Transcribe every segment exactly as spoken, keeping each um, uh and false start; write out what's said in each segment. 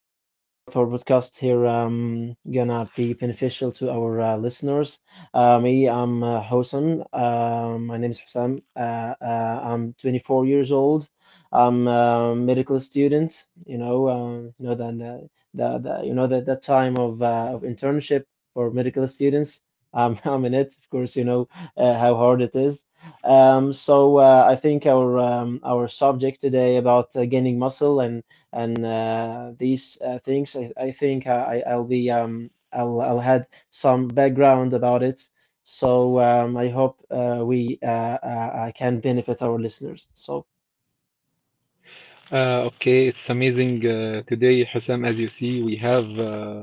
Um, I hope our podcast here um gonna be beneficial to our uh, listeners. Uh, me, I'm uh, Hosam. Uh, my name is Hosam. Uh, uh, I'm twenty-four years old. I'm a medical student. You know, um, you know that the, the, the you know that that time of uh, of internship for medical students. Um, I'm in it, of course. You know uh, how hard it is. Um, so uh, I think our um, our subject today about uh, gaining muscle and and uh, these uh, things. I, I think uh, I, I'll be um, I'll I'll had some background about it. So um, I hope uh, we uh, uh, uh, can benefit our listeners. So. Uh, okay, it's amazing. Uh, today, Hussam, as you see, we have uh,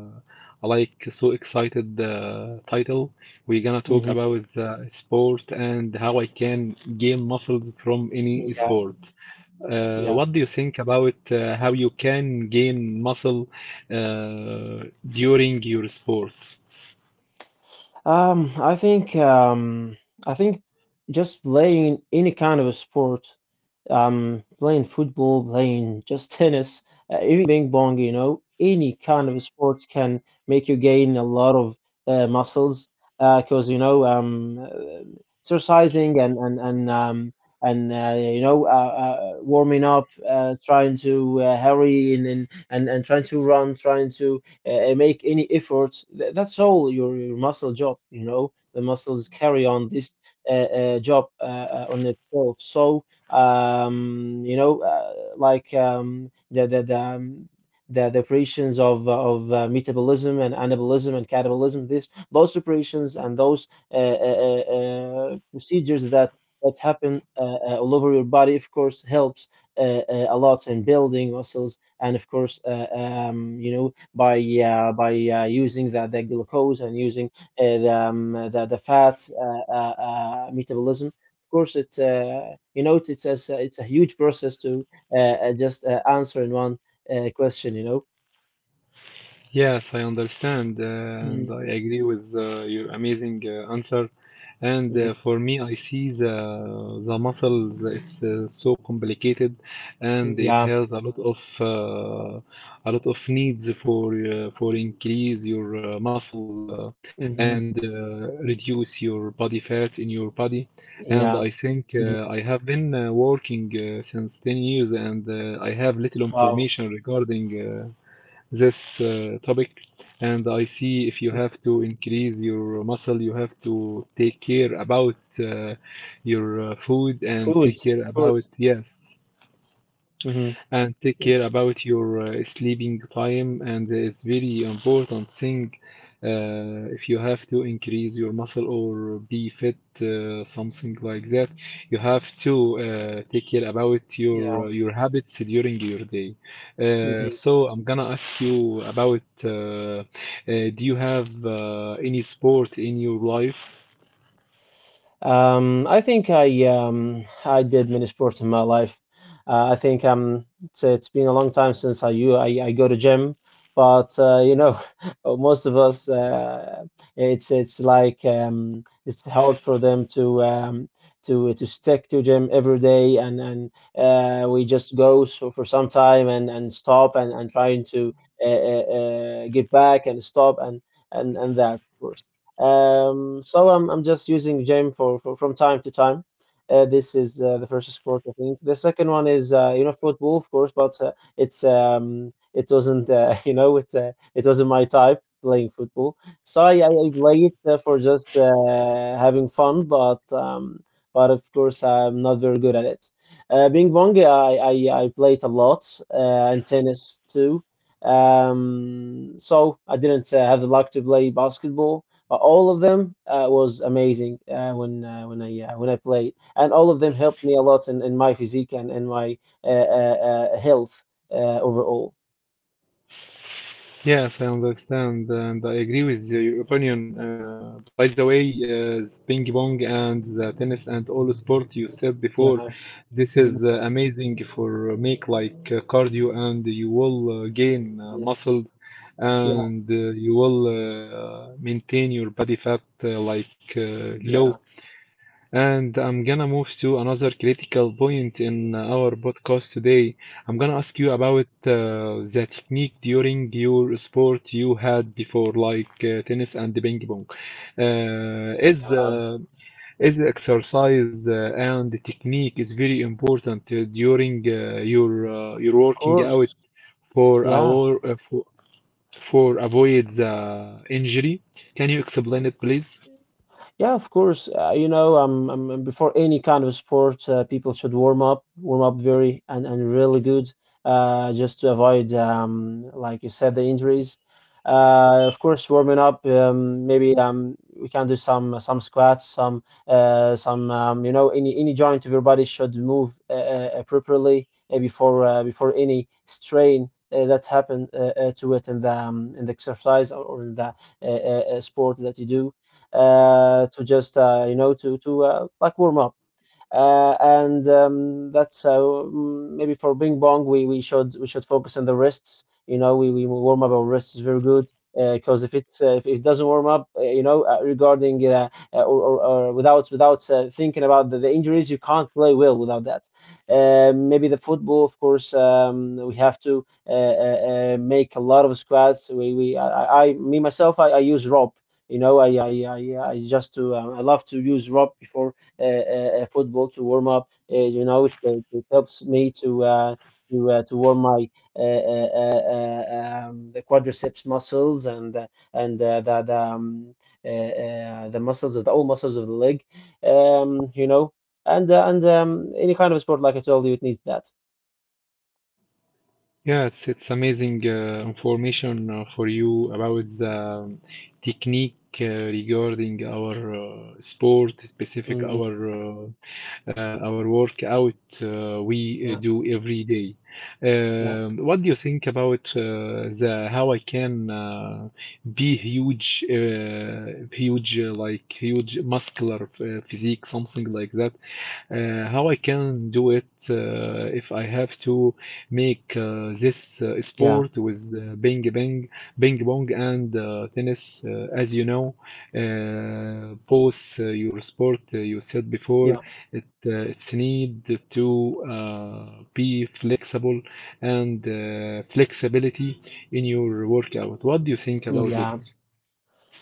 like so excited uh, title. We're gonna talk Mhm. about uh, sport and how I can gain muscles from any Yeah, sport. Uh, yeah. What do you think about uh, how you can gain muscle uh, during your sport? Um, I think um, I think just playing any kind of a sport, um, playing football, playing just tennis, uh, even ping pong, you know, any kind of sports can make you gain a lot of uh, muscles because, you know, um, uh, exercising and, and, and, um, and uh, you know, uh, uh, warming up, uh, trying to uh, hurry and, and, and, and trying to run, trying to uh, uh, make any efforts. Th- that's all your, your muscle job, you know, the muscles carry on this uh, uh, job uh, uh, on itself. So, um, you know, uh, like um, the the the, um, the the operations of of uh, metabolism and anabolism and catabolism. This Those operations and those uh, uh, uh, uh, procedures that that happen uh, uh, all over your body, of course, helps uh, uh, a lot in building muscles, and of course, uh, um, you know, by uh, by uh, using the, the glucose and using uh, the, um, the the fat uh, uh, uh, metabolism course, it's uh, you know it's it's a, it's a huge process to uh, uh, just uh, answer in one uh, question. You know. Yes, I understand, uh, and Mhm, I agree with uh, your amazing uh, answer. And mhm. uh, for me, I see the the muscles. It's uh, so complicated, and Yeah. it has a lot of uh, a lot of needs for uh, for increase your uh, muscle uh, Hmm. and uh, reduce your body fat in your body. Yeah. And I think Hmm. uh, I have been uh, working uh, since ten years, and uh, I have little Wow. information regarding. Uh, this uh, topic. And I see if you have to increase your muscle, you have to take care about uh, your uh, food and Food, take care of course. about, yes, Hmm. Of and take course. care about your uh, sleeping time and it's very important thing uh, if you have to increase your muscle or be fit uh, something like that you have to uh, take care about Yeah. your uh, your habits during your day uh, Mhm. so I'm gonna ask you about uh, uh, do you have uh, any sport in your life. Um, I think I um, I did mini sports in my life. Uh, I think um, it's it's been a long time since I you I, I go to gym, but uh, you know, most of us uh, it's it's like um, it's hard for them to um, to to stick to gym every day, and and uh, we just go so for some time and and stop and and trying to uh, uh, uh, get back and stop and and and that of course. Um, so I'm I'm just using gym for, for from time to time. Uh, this is uh, the first sport, I think. The second one is uh, you know football, of course, but uh, it's um it wasn't uh, you know it uh, it wasn't my type playing football. So I, I I play it uh, for just uh, having fun, but um but of course I'm not very good at it. Uh, ping pong, I I, I played a lot, uh, and tennis too. Um, so I didn't uh, have the luck to play basketball. uh, All of them uh, was amazing uh, when uh, when I uh, when I played, and all of them helped me a lot in, in my physique and in my uh, uh, uh, health uh, overall. Yes, I understand and I agree with your opinion. Uh, by the way, uh, the ping pong and the tennis and all sport you said before, Yeah. this is Mhm. uh, amazing for uh, make like uh, cardio and you will uh, gain uh, Yes. muscles Yeah. and uh, you will uh, maintain your body fat uh, like uh, Yeah. low. And I'm gonna move to another critical point in our podcast today. I'm gonna ask you about uh, the technique during your sport you had before, like uh, tennis and the ping pong. Uh, is Yeah. uh, is exercise uh, and the technique is very important uh, during uh, your uh, your Of working out course. for Yeah. our uh, for, for avoid the injury. Can you explain it, please? Yeah, of course. Uh, you know, um, um, um, before any kind of sport, uh, people should warm up, warm up very and, and really good, uh, just to avoid, um, like you said, the injuries. Uh, of course, warming up, um, maybe um, we can do some some squats, some uh, some um, you know, any any joint of your body should move uh, uh, appropriately uh, before uh, before any strain. Uh, that happen uh, uh, to it in the um, in the exercise or in the uh, uh, uh, sport that you do uh, to just uh, you know to to uh, like warm up. Uh, and um, That's uh, mm, maybe for Bing Bong, we, we should we should focus on the wrists. You know, we, we warm up our wrists very good because if it's uh, if it doesn't warm up, uh, you know, uh, regarding uh, uh, or, or, or without without uh, thinking about the, the injuries, you can't play well without that. Uh, maybe the football, of course, um, we have to uh, uh, uh, make a lot of squats. We we I, I I- me myself I, I use rope. You know, I I I, I just to um, I love to use rope before uh, uh, uh, football to warm up. Uh, you know, it, it it helps me to uh, to uh, to warm my uh, uh, uh, uh, um, the quadriceps muscles and uh, and uh, the the, um, uh, uh, the muscles of the all muscles of the leg. Um, you know, and uh, and um, any kind of sport, like I told you, it needs that. Yeah, it's it's amazing uh, information uh, for you about the um, technique uh, regarding our uh, sport, specific Hmm. our uh, uh, our workout uh, we uh, Yeah, do every day. yeah, Um, what do you think about uh, the how I can uh, be huge, uh, huge uh, like huge muscular uh, physique, something like that? Uh, how I can do it uh, if I have to make uh, this uh, yeah, sport with uh, ping pong, ping pong and uh, tennis. Uh, as you know, uh, both uh, your sport uh, you said before, yeah, it uh, it's need to uh, be flexible and uh, flexibility in your workout. What do you think about it? yeah.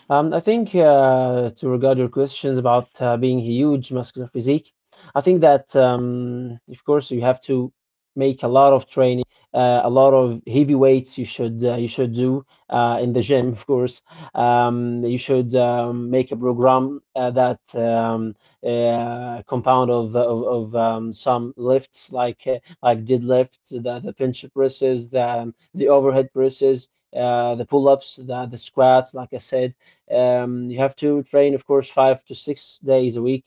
Um, I think uh, to regard your questions about uh, being huge muscular physique, I think that um, of course you have to make a lot of training, uh, a lot of heavy weights. You should uh, you should do uh, in the gym, of course. Um, you should um, make a program uh, that um, uh, compound of of, of um, some lifts like uh, like deadlifts, the the pinch presses, the um, the overhead presses. Uh, the pull-ups, the, the squats, like I said, um, you have to train, of course, five to six days a week.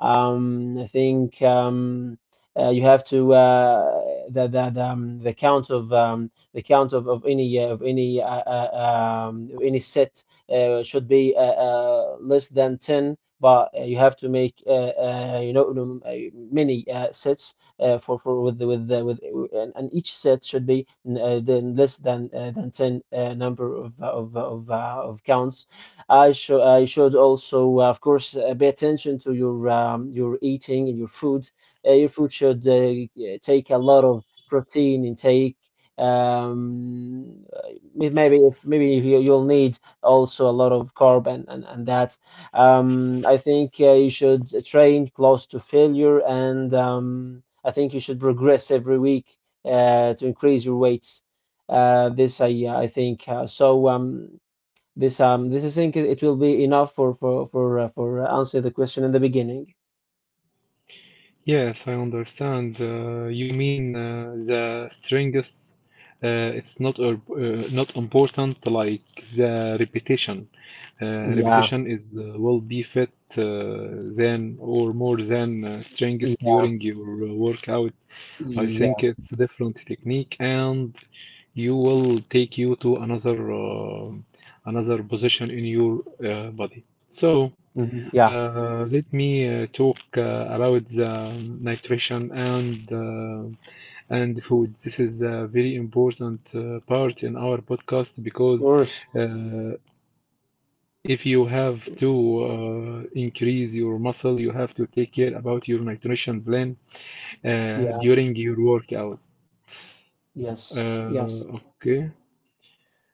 Um, I think um, uh, you have to uh, the the the, um, the count of um, the count of, of any uh, of any uh, uh, um, any set uh, should be uh, uh, less than ten. But uh, you have to make uh, uh, you know um, uh, many uh, sets uh, for for with the, with the, with and, and each set should be uh, then less than uh, than ten uh, number of of of, uh, of counts. I should I should also, uh, of course, uh, pay attention to your um, your eating and your food. Uh, your food should, uh, yeah, take a lot of protein intake. Um, uh, may- maybe if maybe if you, you'll need also a lot of carb and and, and that. Um, I think uh, you should train close to failure, and um, I think you should progress every week uh, to increase your weights. Uh, this I I think uh, so. Um, this um this I think it will be enough for for for uh, for uh, answer the question in the beginning. Yes, I understand. Uh, you mean uh, the strength? Uh, it's not uh, uh, not important like the repetition. Uh, Yeah, Repetition is uh, will be fit uh, than or more than uh, yeah, strength during your uh, workout. I think yeah, it's different technique and you will take you to another uh, another position in your uh, body. So. mhm, yeah. Uh, let me uh, talk uh, about the nutrition and uh, and food. This is a very important uh, part in our podcast Of because course, uh, if you have of to course. uh, increase your muscle, you have to take care about your nutrition plan uh, Yeah, during your workout. yes, yes. Uh, okay.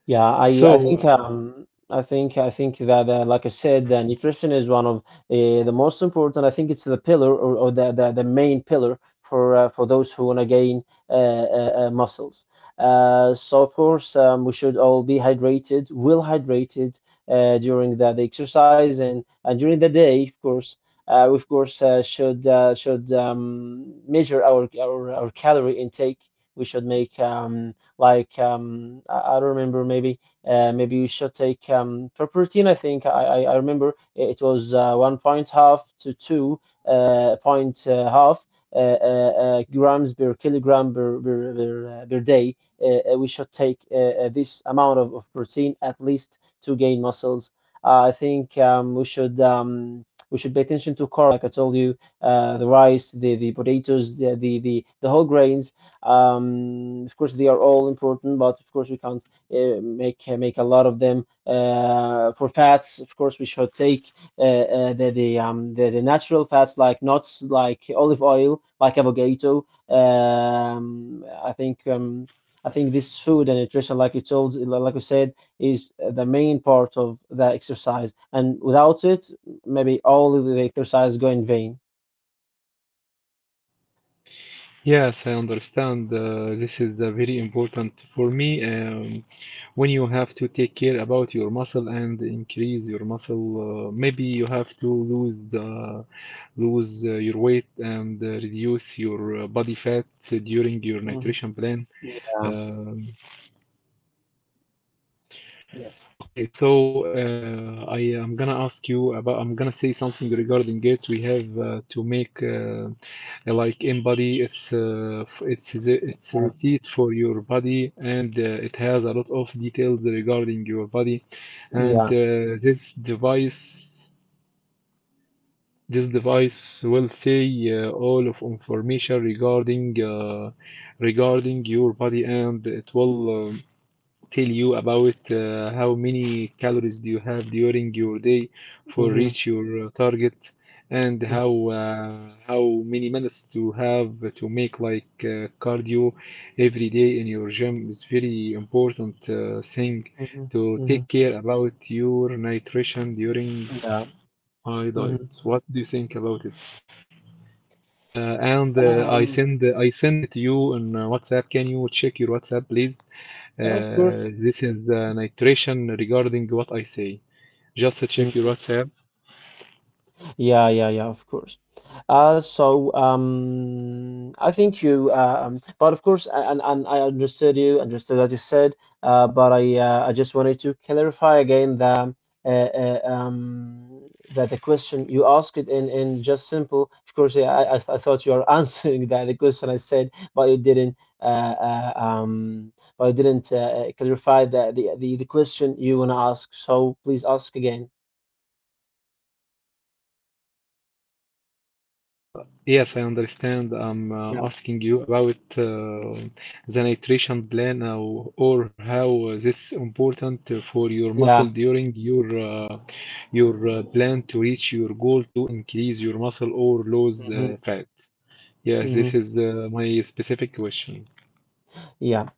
Yeah, I I So, think um I think I think that uh, like I said, uh, nutrition is one of uh, the most important. I think it's the pillar, or, or the, the the main pillar for uh, for those who want to gain uh, uh, uh, muscles. Uh, so of course um, we should all be hydrated, well hydrated uh, during the, the exercise and, and during the day, of course. Uh, we of course uh, should uh, should um, measure our, our our calorie intake. We should make um, like um, I, I don't remember. Maybe uh, maybe you should take um, for protein. I think I I, I remember it was uh, one point half to two uh, point uh, half. Uh, uh, uh, grams per kilogram per per, per, uh, per day. Uh, uh, we should take uh, uh, this amount of, of protein at least to gain muscles. Uh, I think um, we should um, we should pay attention to carb, like I told you, uh, the rice, the the potatoes, the the the, the whole grains. Um, of course, they are all important, but of course we can't uh, make make a lot of them. Uh, for fats, of course, we should take uh, uh, the the, um, the the natural fats like nuts, like olive oil, like avocado. Um, I think um, I think this food and nutrition, like you told, like you said, is the main part of the exercise, and without it, maybe all of the exercise go in vain. yes, I understand. Uh, this is uh, very important for me. Um, when you have to take care about your muscle and increase your muscle uh, maybe you have to lose uh, lose uh, your weight and uh, reduce your uh, body fat during your Mhm. nutrition plan Yeah. um, Yes. Okay, so uh, I am gonna ask you about. I'm gonna say something regarding it. We have uh, to make uh, like in body. It's uh, f- it's the- it's a Uh, receipt for your body, and uh, it has a lot of details regarding your body. And yeah. uh, this device, this device will say uh, all of information regarding uh, regarding your body, and it will. Um, tell you about uh, how many calories do you have during your day for Hmm. reach your uh, target and how uh, how many minutes to have to make like uh, cardio every day in your gym is very important uh, thing Mhm, to take mhm. care about your nutrition during Yeah. my Mhm. diet. What do you think about it? Uh, and uh, I Um, send I send it to you on uh, WhatsApp. Can you check your WhatsApp, please? of Uh, course. This is uh, an iteration regarding what I say. Just check your Mm. WhatsApp. Yeah, yeah, yeah, of course. Uh, so um, I think you, uh, um, but of course, a- and and I understood you, understood what you said. Uh, but I, uh, I just wanted to clarify again the, uh, uh, um, that the question you asked it in in just simple. Of course, yeah, I I, I thought you were answering that the question I said, but you didn't. Uh, uh, um, but you didn't uh, uh, clarify the, the the the question you wanna ask. So please ask again. Yes, I understand. I'm uh, Yeah, asking you about uh, the nitration plan or, or how this important for your muscle yeah. during your uh, your uh, plan to reach your goal to increase your muscle or lose uh, Hmm. fat. Yes, this Hmm. is uh, my specific question. Yeah.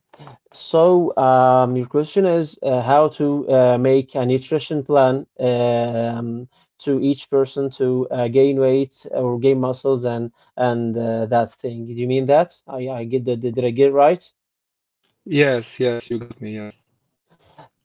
So, um, your question is uh, how to uh, make a nutrition plan um, to each person to uh, gain weight or gain muscles and and uh, that thing. Do you mean that? I I get the, did I get it right? Yes, yes, you got me. Yes.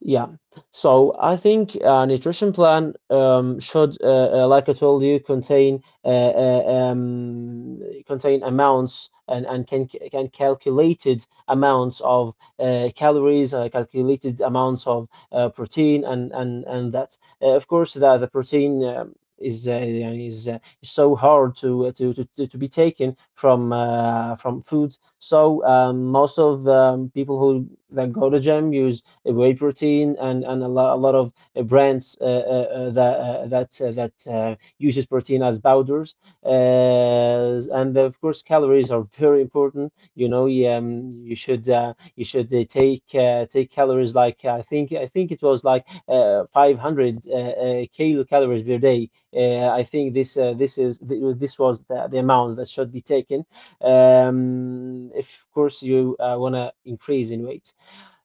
Yeah. So I think a nutrition plan um, should, uh, uh, like I told you, contain uh, uh, um, contain amounts and, and can can calculated amounts of uh, calories, uh, calculated amounts of uh, protein, and and and that. Uh, of course, that the protein. Um, is uh, is uh, is so hard to uh, to to to to be taken from uh, from foods. So um, most of um, people who that go to gym use whey protein and and a lot, a lot of uh, brands uh, uh, uh, that uh, that uh, that uh, uses protein as powders. Uh, and of course, calories are very important. You know, you, um, you should uh, you should uh, take uh, take calories like I think I think it was like uh, five hundred uh, uh, kilocalories per day. Uh, I think this uh, this is th- this was the, the amount that should be taken. Um, if of course you uh, want to increase in weight,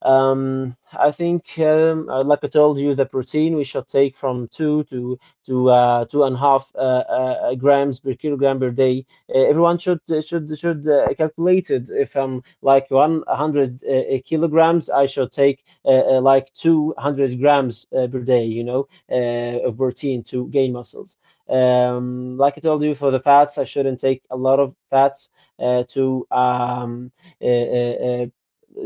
um, I think, um, uh, like I told you, the protein we should take from two to to uh, two and a half uh, uh, uh, grams per kilogram per day. Uh, everyone should uh, should should uh, calculate it. If I'm like one hundred uh, uh, kilograms, I should take uh, uh, like two hundred grams uh, per day. You know, uh, of protein to gain muscles. Um, like I told you, for the fats, I shouldn't take a lot of fats uh, to um, uh, uh, uh,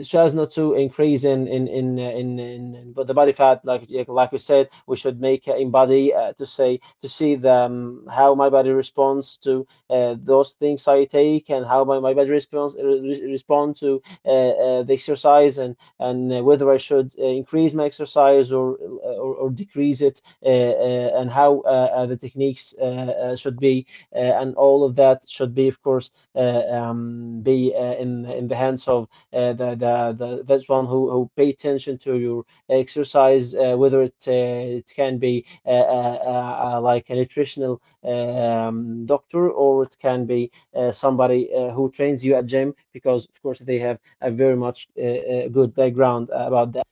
just not to increase in in in uh, in, in, but the body fat like yeah, like we said we should make uh, in body uh, to say to see the um, how my body responds to uh, those things I take and how my, my body responds re respond to uh, uh, the exercise and and uh, whether I should uh, increase my exercise or or, or decrease it uh, uh, and how uh, uh, the techniques uh, uh, should be uh, and all of that should be of course uh, um, be uh, in in the hands of uh, the, the, the that's one who, who pay attention to your exercise, uh, whether it uh, it can be uh, uh, uh, uh, like a nutritional um, doctor or it can be uh, somebody uh, who trains you at gym because of course they have a very much uh, uh, good background about that.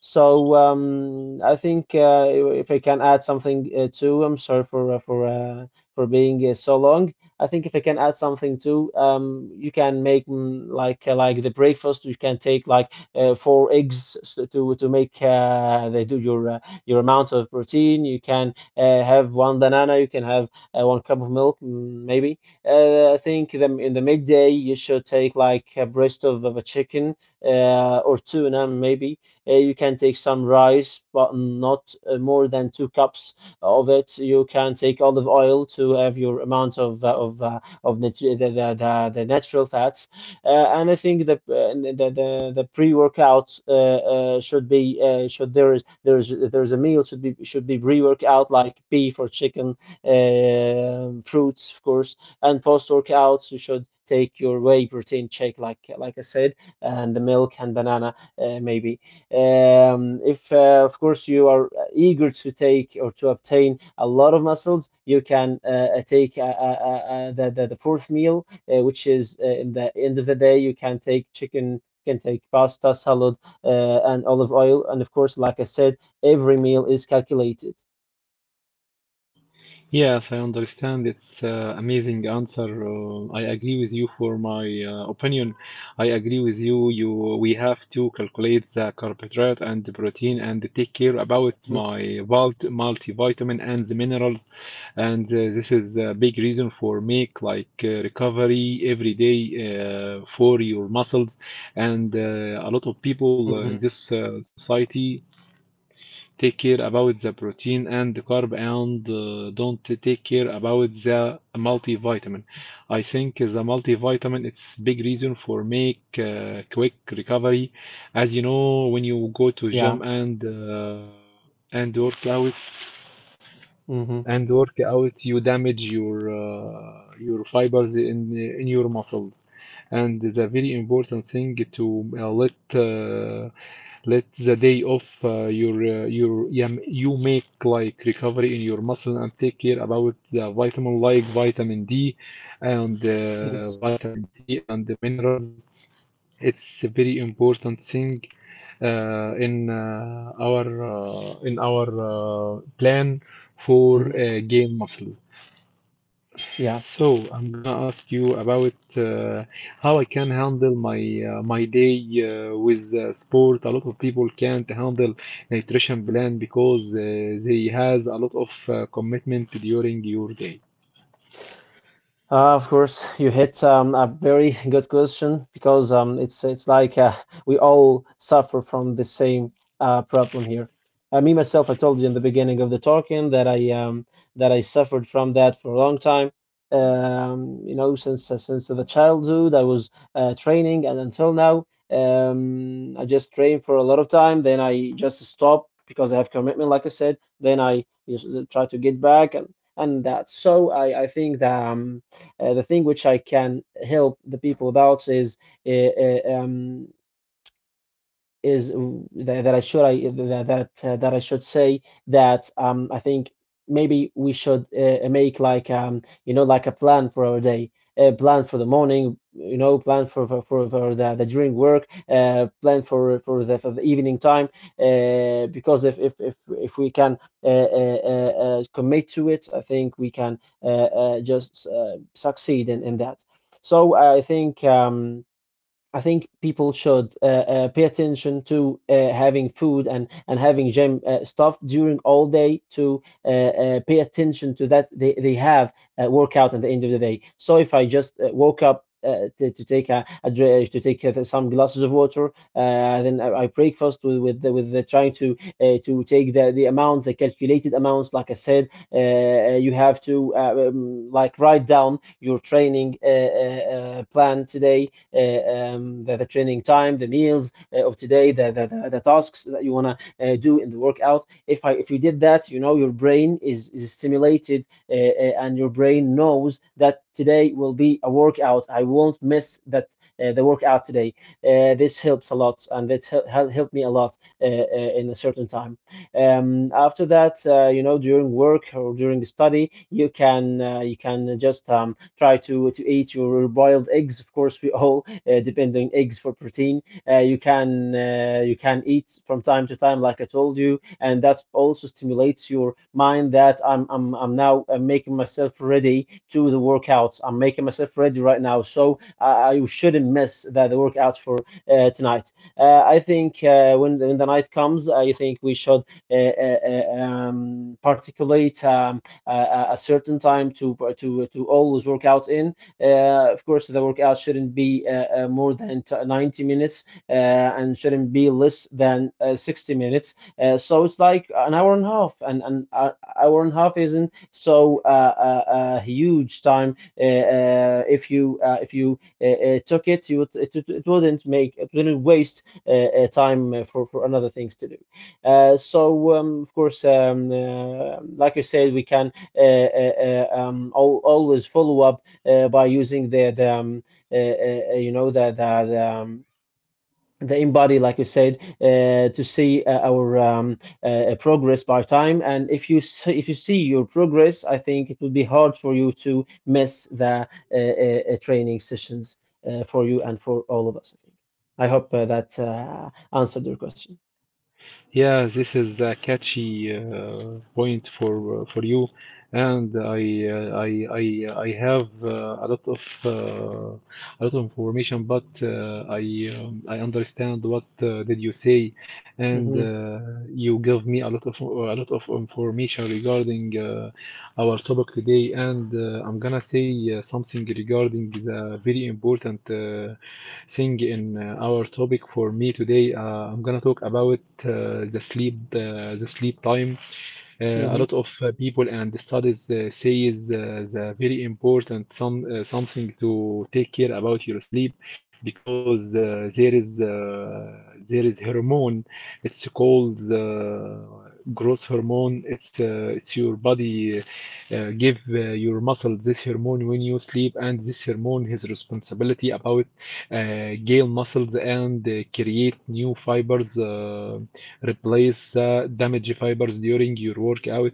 So um, I think uh, if I can add something uh, too, I'm sorry for uh, for uh, for being uh, so long. I think if I can add something too, um, you can make mm, like uh, like the breakfast. You can take like uh, four eggs s- to to make uh, they do your uh, your amount of protein. You can uh, have one banana. You can have uh, one cup of milk, mm, maybe. Uh, I think them in the midday you should take like a breast of, of a chicken uh, or tuna, maybe uh, you can take some rice, but not uh, more than two cups of it. You can take olive oil to have your amount of uh, of uh, of the, the, the, the natural fats. Uh, and I think the uh, the the, the pre workout uh, uh, should be uh, should there is there is there is a meal should be should be pre workout like beef or chicken, uh, fruits of course, and post workouts you should take your whey protein shake like like I said, and the milk and banana, uh, maybe. Um, if, uh, Of course, you are eager to take or to obtain a lot of muscles, you can uh, uh, take uh, uh, uh, uh, the, the, the fourth meal, uh, which is uh, in the end of the day. You can take chicken, you can take pasta, salad, uh, and olive oil. And of course, like I said, every meal is calculated. Yes, I understand. It's uh, amazing answer. Uh, I agree with you for my uh, opinion. I agree with you. You we have to calculate the carbohydrate and the protein and take care about Mhm, my vault multivitamin and the minerals. And uh, this is a big reason for make like uh, recovery every day uh, for your muscles. And uh, a lot of people uh, in mhm. this uh, society take care about the protein and the carb and uh, don't take care about the multivitamin. I think the multivitamin it's big reason for make uh, quick recovery. As you know, when you go to gym Yeah. and uh, and work out, Hmm. and work out you damage your uh, your fibers in in your muscles and the very important thing to uh, let uh, let the day off uh, your uh, your yeah, you make like recovery in your muscle and take care about the vitamin like vitamin D and uh, Yes. vitamin C and the minerals it's a very important thing uh, in uh, our uh, in our uh, plan for Hmm. uh, game muscles. Yeah. So I'm gonna ask you about uh, how I can handle my uh, my day uh, with uh, sport. A lot of people can't handle nutrition plan because uh, they has a lot of uh, commitment during your day. Uh, of course, you hit um, a very good question because um, it's it's like uh, we all suffer from the same uh, problem here. Uh, me myself, I told you in the beginning of the talking that I um, that I suffered from that for a long time. Um, you know, since uh, since the childhood, I was uh, training, and until now, um, I just trained for a lot of time. Then I just stopped because I have commitment, like I said. Then I just uh, try to get back, and and that. So I I think that. Um, uh, the thing which I can help the people about is uh, uh, um, is uh, that, that I should I that that, uh, that I should say that um, I think maybe we should uh, make like um, you know like a plan for our day, a plan for the morning, you know, plan for for, for, for the, the during work, uh, plan for for the, for the evening time, uh, because if if if if we can uh, uh, uh, uh, commit to it, I think we can uh, uh, just uh, succeed in, in that. So I think. Um, I think people should uh, uh, pay attention to uh, having food and, and having gym uh, stuff during all day to uh, uh, pay attention to that they, they have uh, workout at the end of the day. So if I just uh, woke up uh, to, to take a, a dra- to take uh, some glasses of water, uh, then I, I breakfast with with the, with the trying to uh, to take the, the amount, the calculated amounts. Like I said, uh, uh, you have to uh, um, like write down your training uh, uh, uh, plan today, uh, um, the, the training time, the meals uh, of today, the, the, the, the tasks that you want to uh, do in the workout. If I, if you did that, you know your brain is, is stimulated uh, uh, and your brain knows that today will be a workout. I won't miss that uh, the workout today. Uh, this helps a lot and it hel- hel- helped me a lot uh, uh, in a certain time. Um, after that, uh, you know, during work or during the study, you can uh, you can just um, try to to eat your boiled eggs. Of course, we all uh, depend on eggs for protein. Uh, you can uh, you can eat from time to time, like I told you, and that also stimulates your mind that I'm I'm I'm now uh, making myself ready to the workouts. I'm making myself ready right now, so I, I shouldn't miss that the workout for uh, tonight. Uh, I think uh, when when the night comes, I think we should uh, uh, uh, um, particulate um, uh, a certain time to to to always work out in. Uh, of course, the workout shouldn't be uh, uh, more than ninety minutes uh, and shouldn't be less than uh, sixty minutes. Uh, so it's like an hour and a half, and an uh, hour and a half isn't so uh, uh, uh, huge time. Uh, uh, if you uh, if you uh, uh, took it, you would, it, it wouldn't make it wouldn't waste uh, uh, time uh, for for another things to do. Uh, so um, of course, um, uh, like you said, we can uh, uh, uh, um, always follow up uh, by using the, the um, uh, uh, uh, you know the the, the um, the InBody, like you said, uh, to see uh, our um, uh, progress by time. And if you see, if you see your progress, I think it would be hard for you to miss the uh, uh, uh, training sessions uh, for you and for all of us. I think. I hope uh, that uh, answered your question. Yeah, this is a catchy uh, point for uh, for you, and I uh, I I uh, I have uh, a lot of uh, a lot of information, but uh, I um, I understand what uh, did you say, and uh, Hmm. you gave me a lot of a lot of information regarding uh, our topic today, and uh, I'm gonna say uh, something regarding the very important uh, thing in uh, our topic for me today. Uh, I'm gonna talk about uh, the sleep, uh, the sleep time. Uh, a Hmm. lot of uh, people and studies uh, says uh, the very important some uh, something to take care about your sleep because uh, there is uh, there is hormone it's called uh, growth hormone it's uh, it's your body uh, uh, give uh, your muscle this hormone when you sleep and this hormone has responsibility about uh, gale muscles and uh, create new fibers uh, replace the damaged fibers during your workout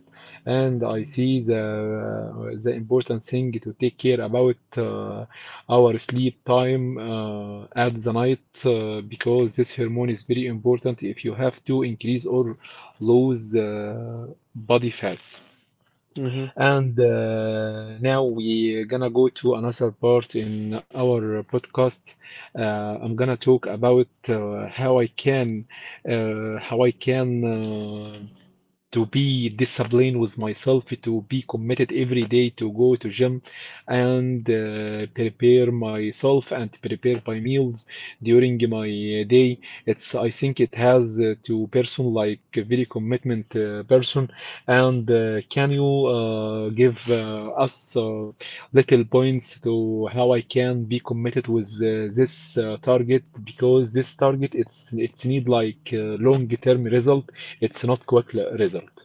and I see the uh, the important thing to take care about uh, our sleep time uh, at the night uh, because this hormone is very important if you have to increase or lose uh, body fat Hmm. and uh, now we're gonna go to another part in our podcast. Uh, I'm gonna talk about uh, how I can uh, how I can uh, to be disciplined with myself, to be committed every day to go to gym and uh, prepare myself and prepare my meals during my day. It's I think it has uh, to person like a very commitment uh, person. And uh, can you uh, give uh, us uh, little points to how I can be committed with uh, this uh, target because this target it's it's need like uh, long-term result it's not quick result.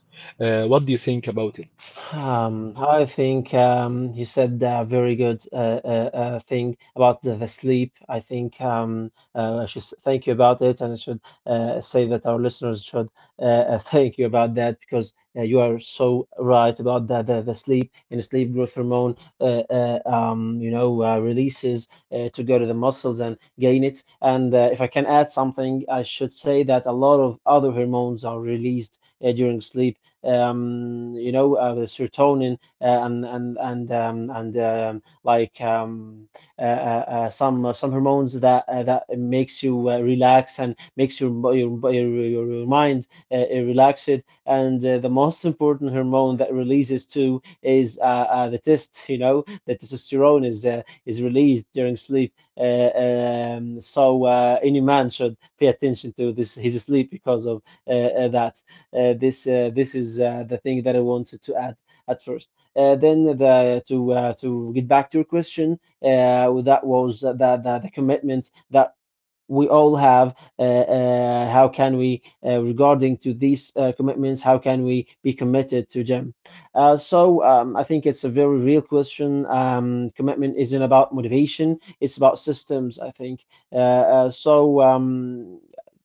Uh, what do you think about it? Um, I think um, you said a very good uh, uh, uh, thing about the, the sleep. I think um, uh, I should s- thank you about it, and I should uh, say that our listeners should uh, uh, thank you about that because uh, you are so right about the, the, the sleep and sleep growth hormone, uh, uh, um, you know, uh, releases uh, to go to the muscles and gain it. And uh, if I can add something, I should say that a lot of other hormones are released uh, during sleep, um, you know, uh, the serotonin uh, and and and um, and um, like um, uh, uh, uh, some uh, some hormones that uh, that makes you uh, relax and makes your your your, your mind uh, uh, relaxed. And uh, the most important hormone that releases too is uh, uh, the test. You know, the testosterone is uh, is released during sleep. Uh, um, so uh, any man should pay attention to this his sleep because of uh, uh, that. Uh, this uh, this is uh, the thing that I wanted to add at first. Uh, then the to uh, to get back to your question, uh, that was the, the the commitment that we all have. Uh, uh, how can we uh, Regarding to these uh, commitments, how can we be committed to them? uh, so um, I think it's a very real question. Um, commitment isn't about motivation, it's about systems, I think. uh, uh, so um,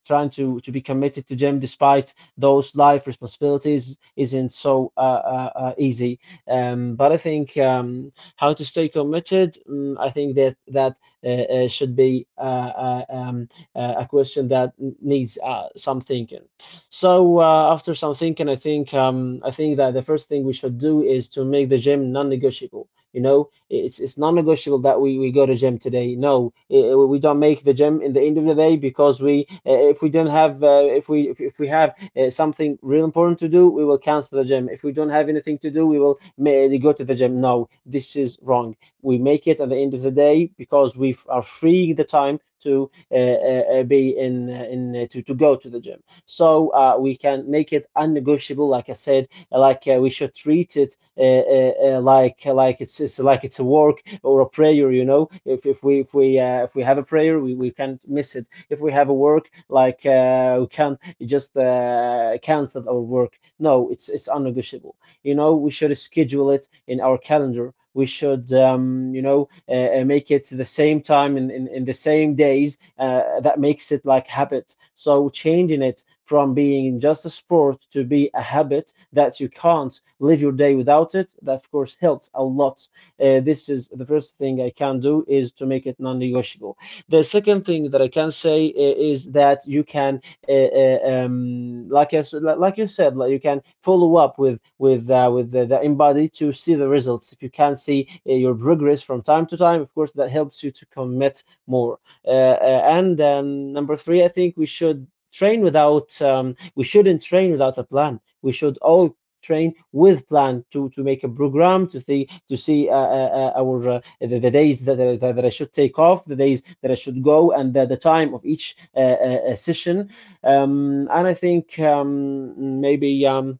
Trying to, to be committed to them despite those life responsibilities isn't so uh, uh, uh, easy. Um, but I think, um, how to stay committed? mm, I think that that uh, uh, should be uh, uh, um, uh, a question that needs uh, some thinking. So uh, after some thinking, I think, um, I think that the first thing we should do is to make the gym non-negotiable. You know, it's it's non-negotiable that we, we go to gym today. No, eh, we don't make the gym in the end of the day because we eh, if we don't have uh, if we if, if we have uh, something real important to do, we will cancel the gym. If we don't have anything to do, we will may, go to the gym. No, this is wrong. We make it at the end of the day because we are freeing the time to uh, uh, uh, be in uh, in uh, to, to go to the gym. So uh, we can make it unnegotiable, like I said. Like uh, we should treat it uh, uh, uh, like like it's, it's like it's a work or a prayer. You know, if, if we if we uh, if we have a prayer, we, we can't miss it. If we have a work, like uh, we can't just uh, cancel our work. No, it's it's unnegotiable. You know, we should schedule it in our calendar. We should, um, you know, uh, uh, make it the same time in, in, in the same days. Uh, that makes it like habit. So changing it from being just a sport to be a habit that you can't live your day without it, that of course helps a lot. Uh, this is the first thing I can do, is to make it non-negotiable. The second thing that I can say uh, is that you can uh, uh, um, like I s like you said, like you can follow up with with uh, with the, the embody to see the results. If you can see uh, your progress from time to time, of course that helps you to commit more. Uh, uh, and um, Number three, I think we should train without um, we shouldn't train without a plan. We should all train with plan, to to make a program to see, to see uh, uh, uh, our uh, the, the days that, that that I should take off, the days that I should go, and the, the time of each uh, uh, uh, session. Um, and I think, um, maybe um,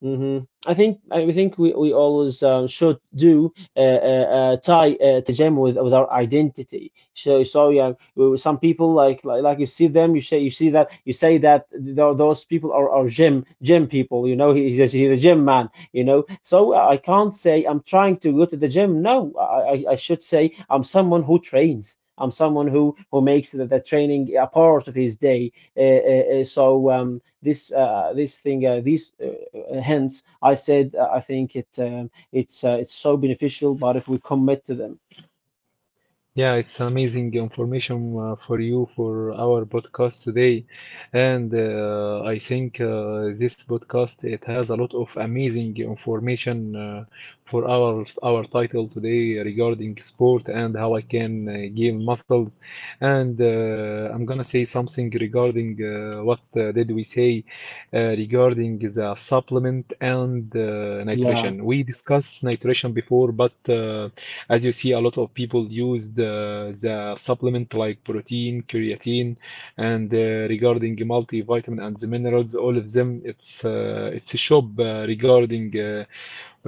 hmm I think I think we, we always um, should do uh, uh, uh, tie uh, tajam with with our identity. So so yeah, we- some people like, like like you see them, you say you see that, you say that tho- those people are, are gym gym people. You know, he's a, he's a gym man. You know, so I can't say I'm trying to go to the gym. No, I I I should say I'm someone who trains. I'm someone who who makes the, the training a part of his day. Uh, uh, uh, so. Um, this uh, this thing uh, these Hence, I said, uh, I think it, um, it's uh, it's so beneficial, but if we commit to them, Yeah, it's amazing information uh, for you for our podcast today, and uh, I think uh, this podcast it has a lot of amazing information uh, for our our title today regarding sport and how I can uh, gain muscles, and uh, I'm gonna say something regarding uh, what uh, did we say uh, regarding the supplement and uh, yeah. nutrition. We discussed nutrition before, but uh, as you see a lot of people use the, the supplement like protein creatine and uh, regarding multivitamin and the minerals all of them it's uh, it's a shop uh, regarding uh,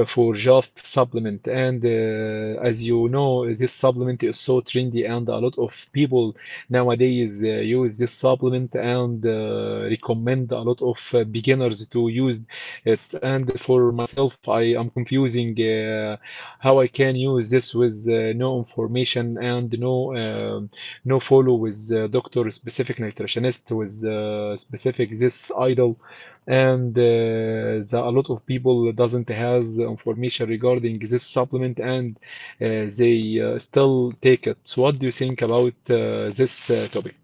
for just supplement and uh, as you know this supplement is so trendy and a lot of people nowadays uh, use this supplement and uh, recommend a lot of uh, beginners to use it. And for myself I am confusing uh, how I can use this with uh, no information and no um, no follow with uh, doctor specific nutritionist with uh, specific this idol and uh, the, a lot of people doesn't has information regarding this supplement and uh, they uh, still take it. So what do you think about uh, this uh, topic?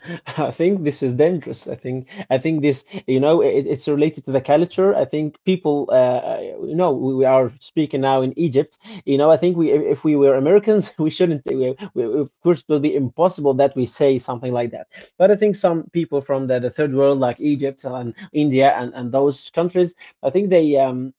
I think this is dangerous. I think, I think this, you know, it, it's related to the culture. I think people, uh, uh, you know, we, we are speaking now in Egypt. You know, I think, we if if we were Americans we shouldn't. We, we, of course, it will be impossible that we say something like that. But I think some people from the, the third world, like Egypt and India and, and those countries, I think they, um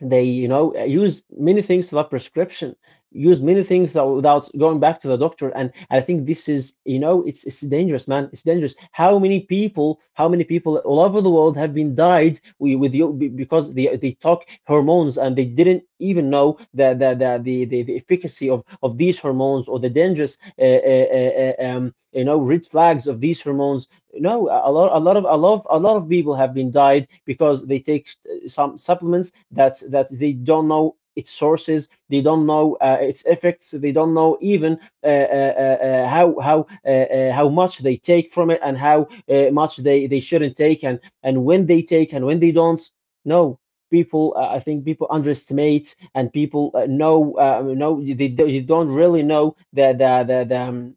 they, you know, use many things without prescription, use many things without going back to the doctor. And I think this, is you know, it's it's dangerous, man. It's dangerous. How many people, how many people all over the world have been died wi- with you be- because they they talk hormones and they didn't even know the the the the, the, the efficacy of of these hormones or the dangerous uh, uh, uh, uh, um you know, red flags of these hormones. No, a lot, a lot of, a lot of, a lot of people have been died because they take uh, some supplements that that they don't know its sources, they don't know uh, its effects, they don't know even uh, uh, uh, uh, how how, uh, uh, how much they take from it and how uh, much they they shouldn't take, and and when they take and when they don't. No, people, uh, I think people underestimate, and people, uh, know uh, know they, they don't really know the the the the. Um,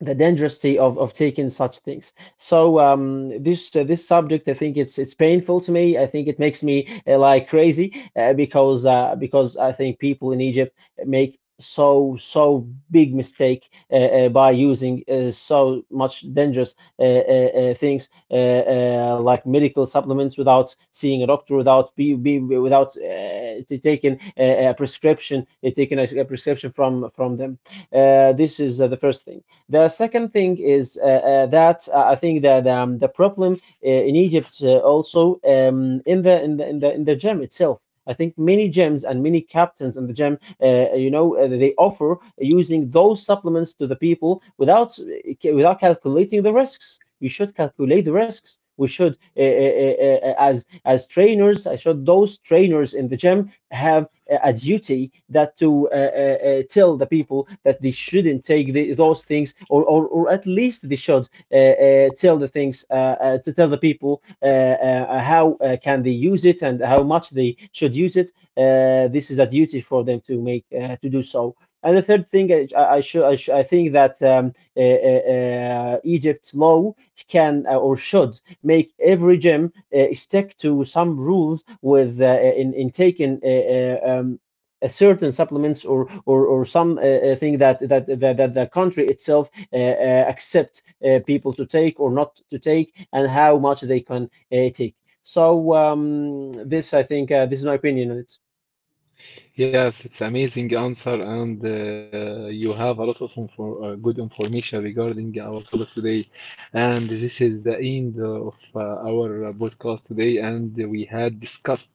the dangerousity of of taking such things. So, um, this uh, this subject, I think it's it's painful to me. I think it makes me uh, like crazy, uh, because uh, because I think people in Egypt make so so big mistake, uh, uh, by using uh, so much dangerous uh, uh, uh, things, uh, uh, like medical supplements, without seeing a doctor, without be, be without uh, taking a, a prescription, uh, taking a, a prescription from from them. Uh, this is uh, the first thing. The second thing is, uh, uh, that, uh, I think that, um, the problem uh, in Egypt, uh, also um, in the in the in the in the gym itself. I think many gyms and many captains in the gym, uh, you know, uh, they offer using those supplements to the people without uh, without calculating the risks. We should calculate the risks. We should, uh, uh, uh, uh, as as trainers, I should those trainers in the gym have a duty that, to uh, uh, uh, tell the people that they shouldn't take the, those things, or, or or at least they should uh, uh, tell the things uh, uh, to tell the people uh, uh, how uh, can they use it, and how much they should use it. Uh, this is a duty for them to make, uh, to do so. And the third thing, I, I, should I, sh I think that, um, uh, uh, uh, Egypt's law can uh, or should make every gym uh, stick to some rules with uh, uh, in in taking uh, uh, um, a certain supplements, or or, or some uh, uh, thing that that, that that the country itself uh, uh, accept uh, people to take or not to take, and how much they can uh, take. So, um, this I think, uh, this is my opinion on it. Yes, it's amazing answer, and uh, you have a lot of infor- uh, good information regarding our topic today. And this is the end of uh, our uh, podcast today, and we had discussed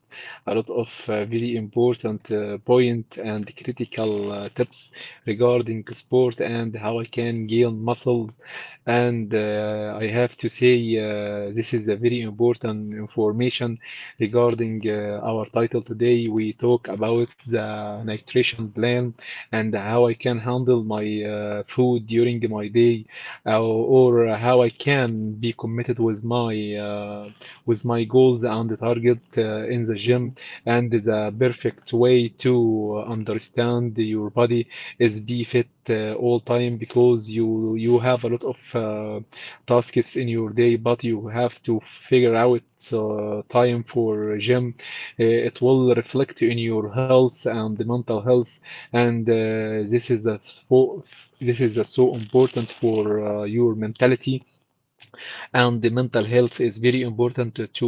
a lot of uh, very important uh, point and critical uh, tips regarding sport and how I can gain muscles. And uh, I have to say, uh, this is a very important information regarding uh, our title today. We talk about the nutrition plan and how I can handle my uh, food during my day, uh, or how I can be committed with my uh, with my goals and the target uh, in the gym. Mhm. And the perfect way to understand your body is be fit uh, all time because you you have a lot of uh, tasks in your day, but you have to figure out uh, time for gym. Uh, it will reflect in your health and the mental health, and uh, this is a fo- this is a so important for uh, your mentality, and the mental health is very important to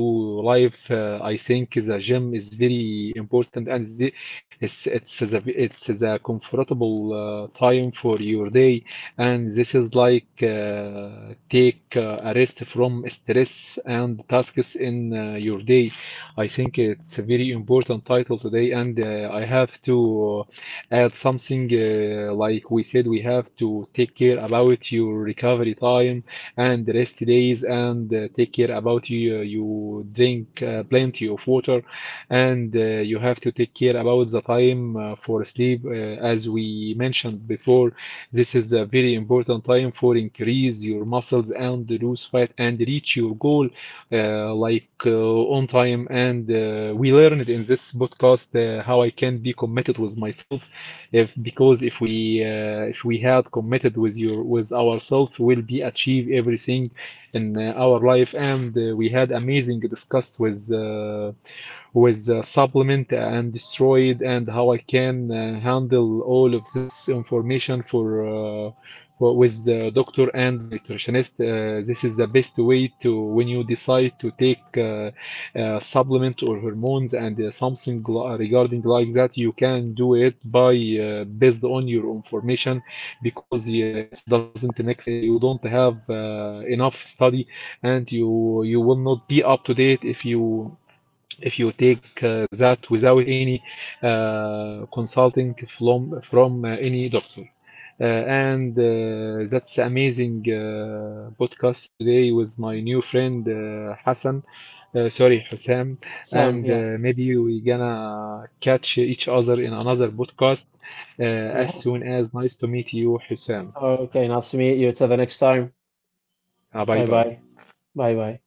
life. Uh, I think the gym is very important, and the, it's it's the it's the comfortable uh, time for your day, and this is like uh, take uh, a rest from stress and tasks in uh, your day. I think it's a very important title today, and uh, I have to uh, add something uh, like we said, we have to take care about your recovery time and rest days and uh, take care about you. uh, You drink uh, plenty of water and uh, you have to take care about the time uh, for sleep. Uh, as we mentioned before, this is a very important time for increase your muscles and lose fat and reach your goal uh, like uh, on time. And uh, we learned in this podcast uh, how I can be committed with myself if because if we uh, if we had committed with your with ourselves will be achieve everything in uh, our life. And uh, we had amazing discuss with uh, with uh, supplement and destroyed and how I can uh, handle all of this information for uh, for- with the doctor and the nutritionist. Uh, this is the best way to when you decide to take uh, uh, supplement or hormones and uh, something regarding like that, you can do it by uh, based on your information because uh, it doesn't mix. You don't have uh, enough study, and you you will not be up to date if you if you take uh, that without any uh, consulting from from uh, any doctor uh, and uh, That's amazing uh, podcast today with my new friend uh, Hassan, uh, sorry, Hussam, Sam, and yeah, uh, maybe we gonna catch each other in another podcast uh, as yeah. soon as. Nice to meet you, Hussam. Okay, nice to meet you. Till the next time. Uh, bye Bye bye. bye. Bye bye.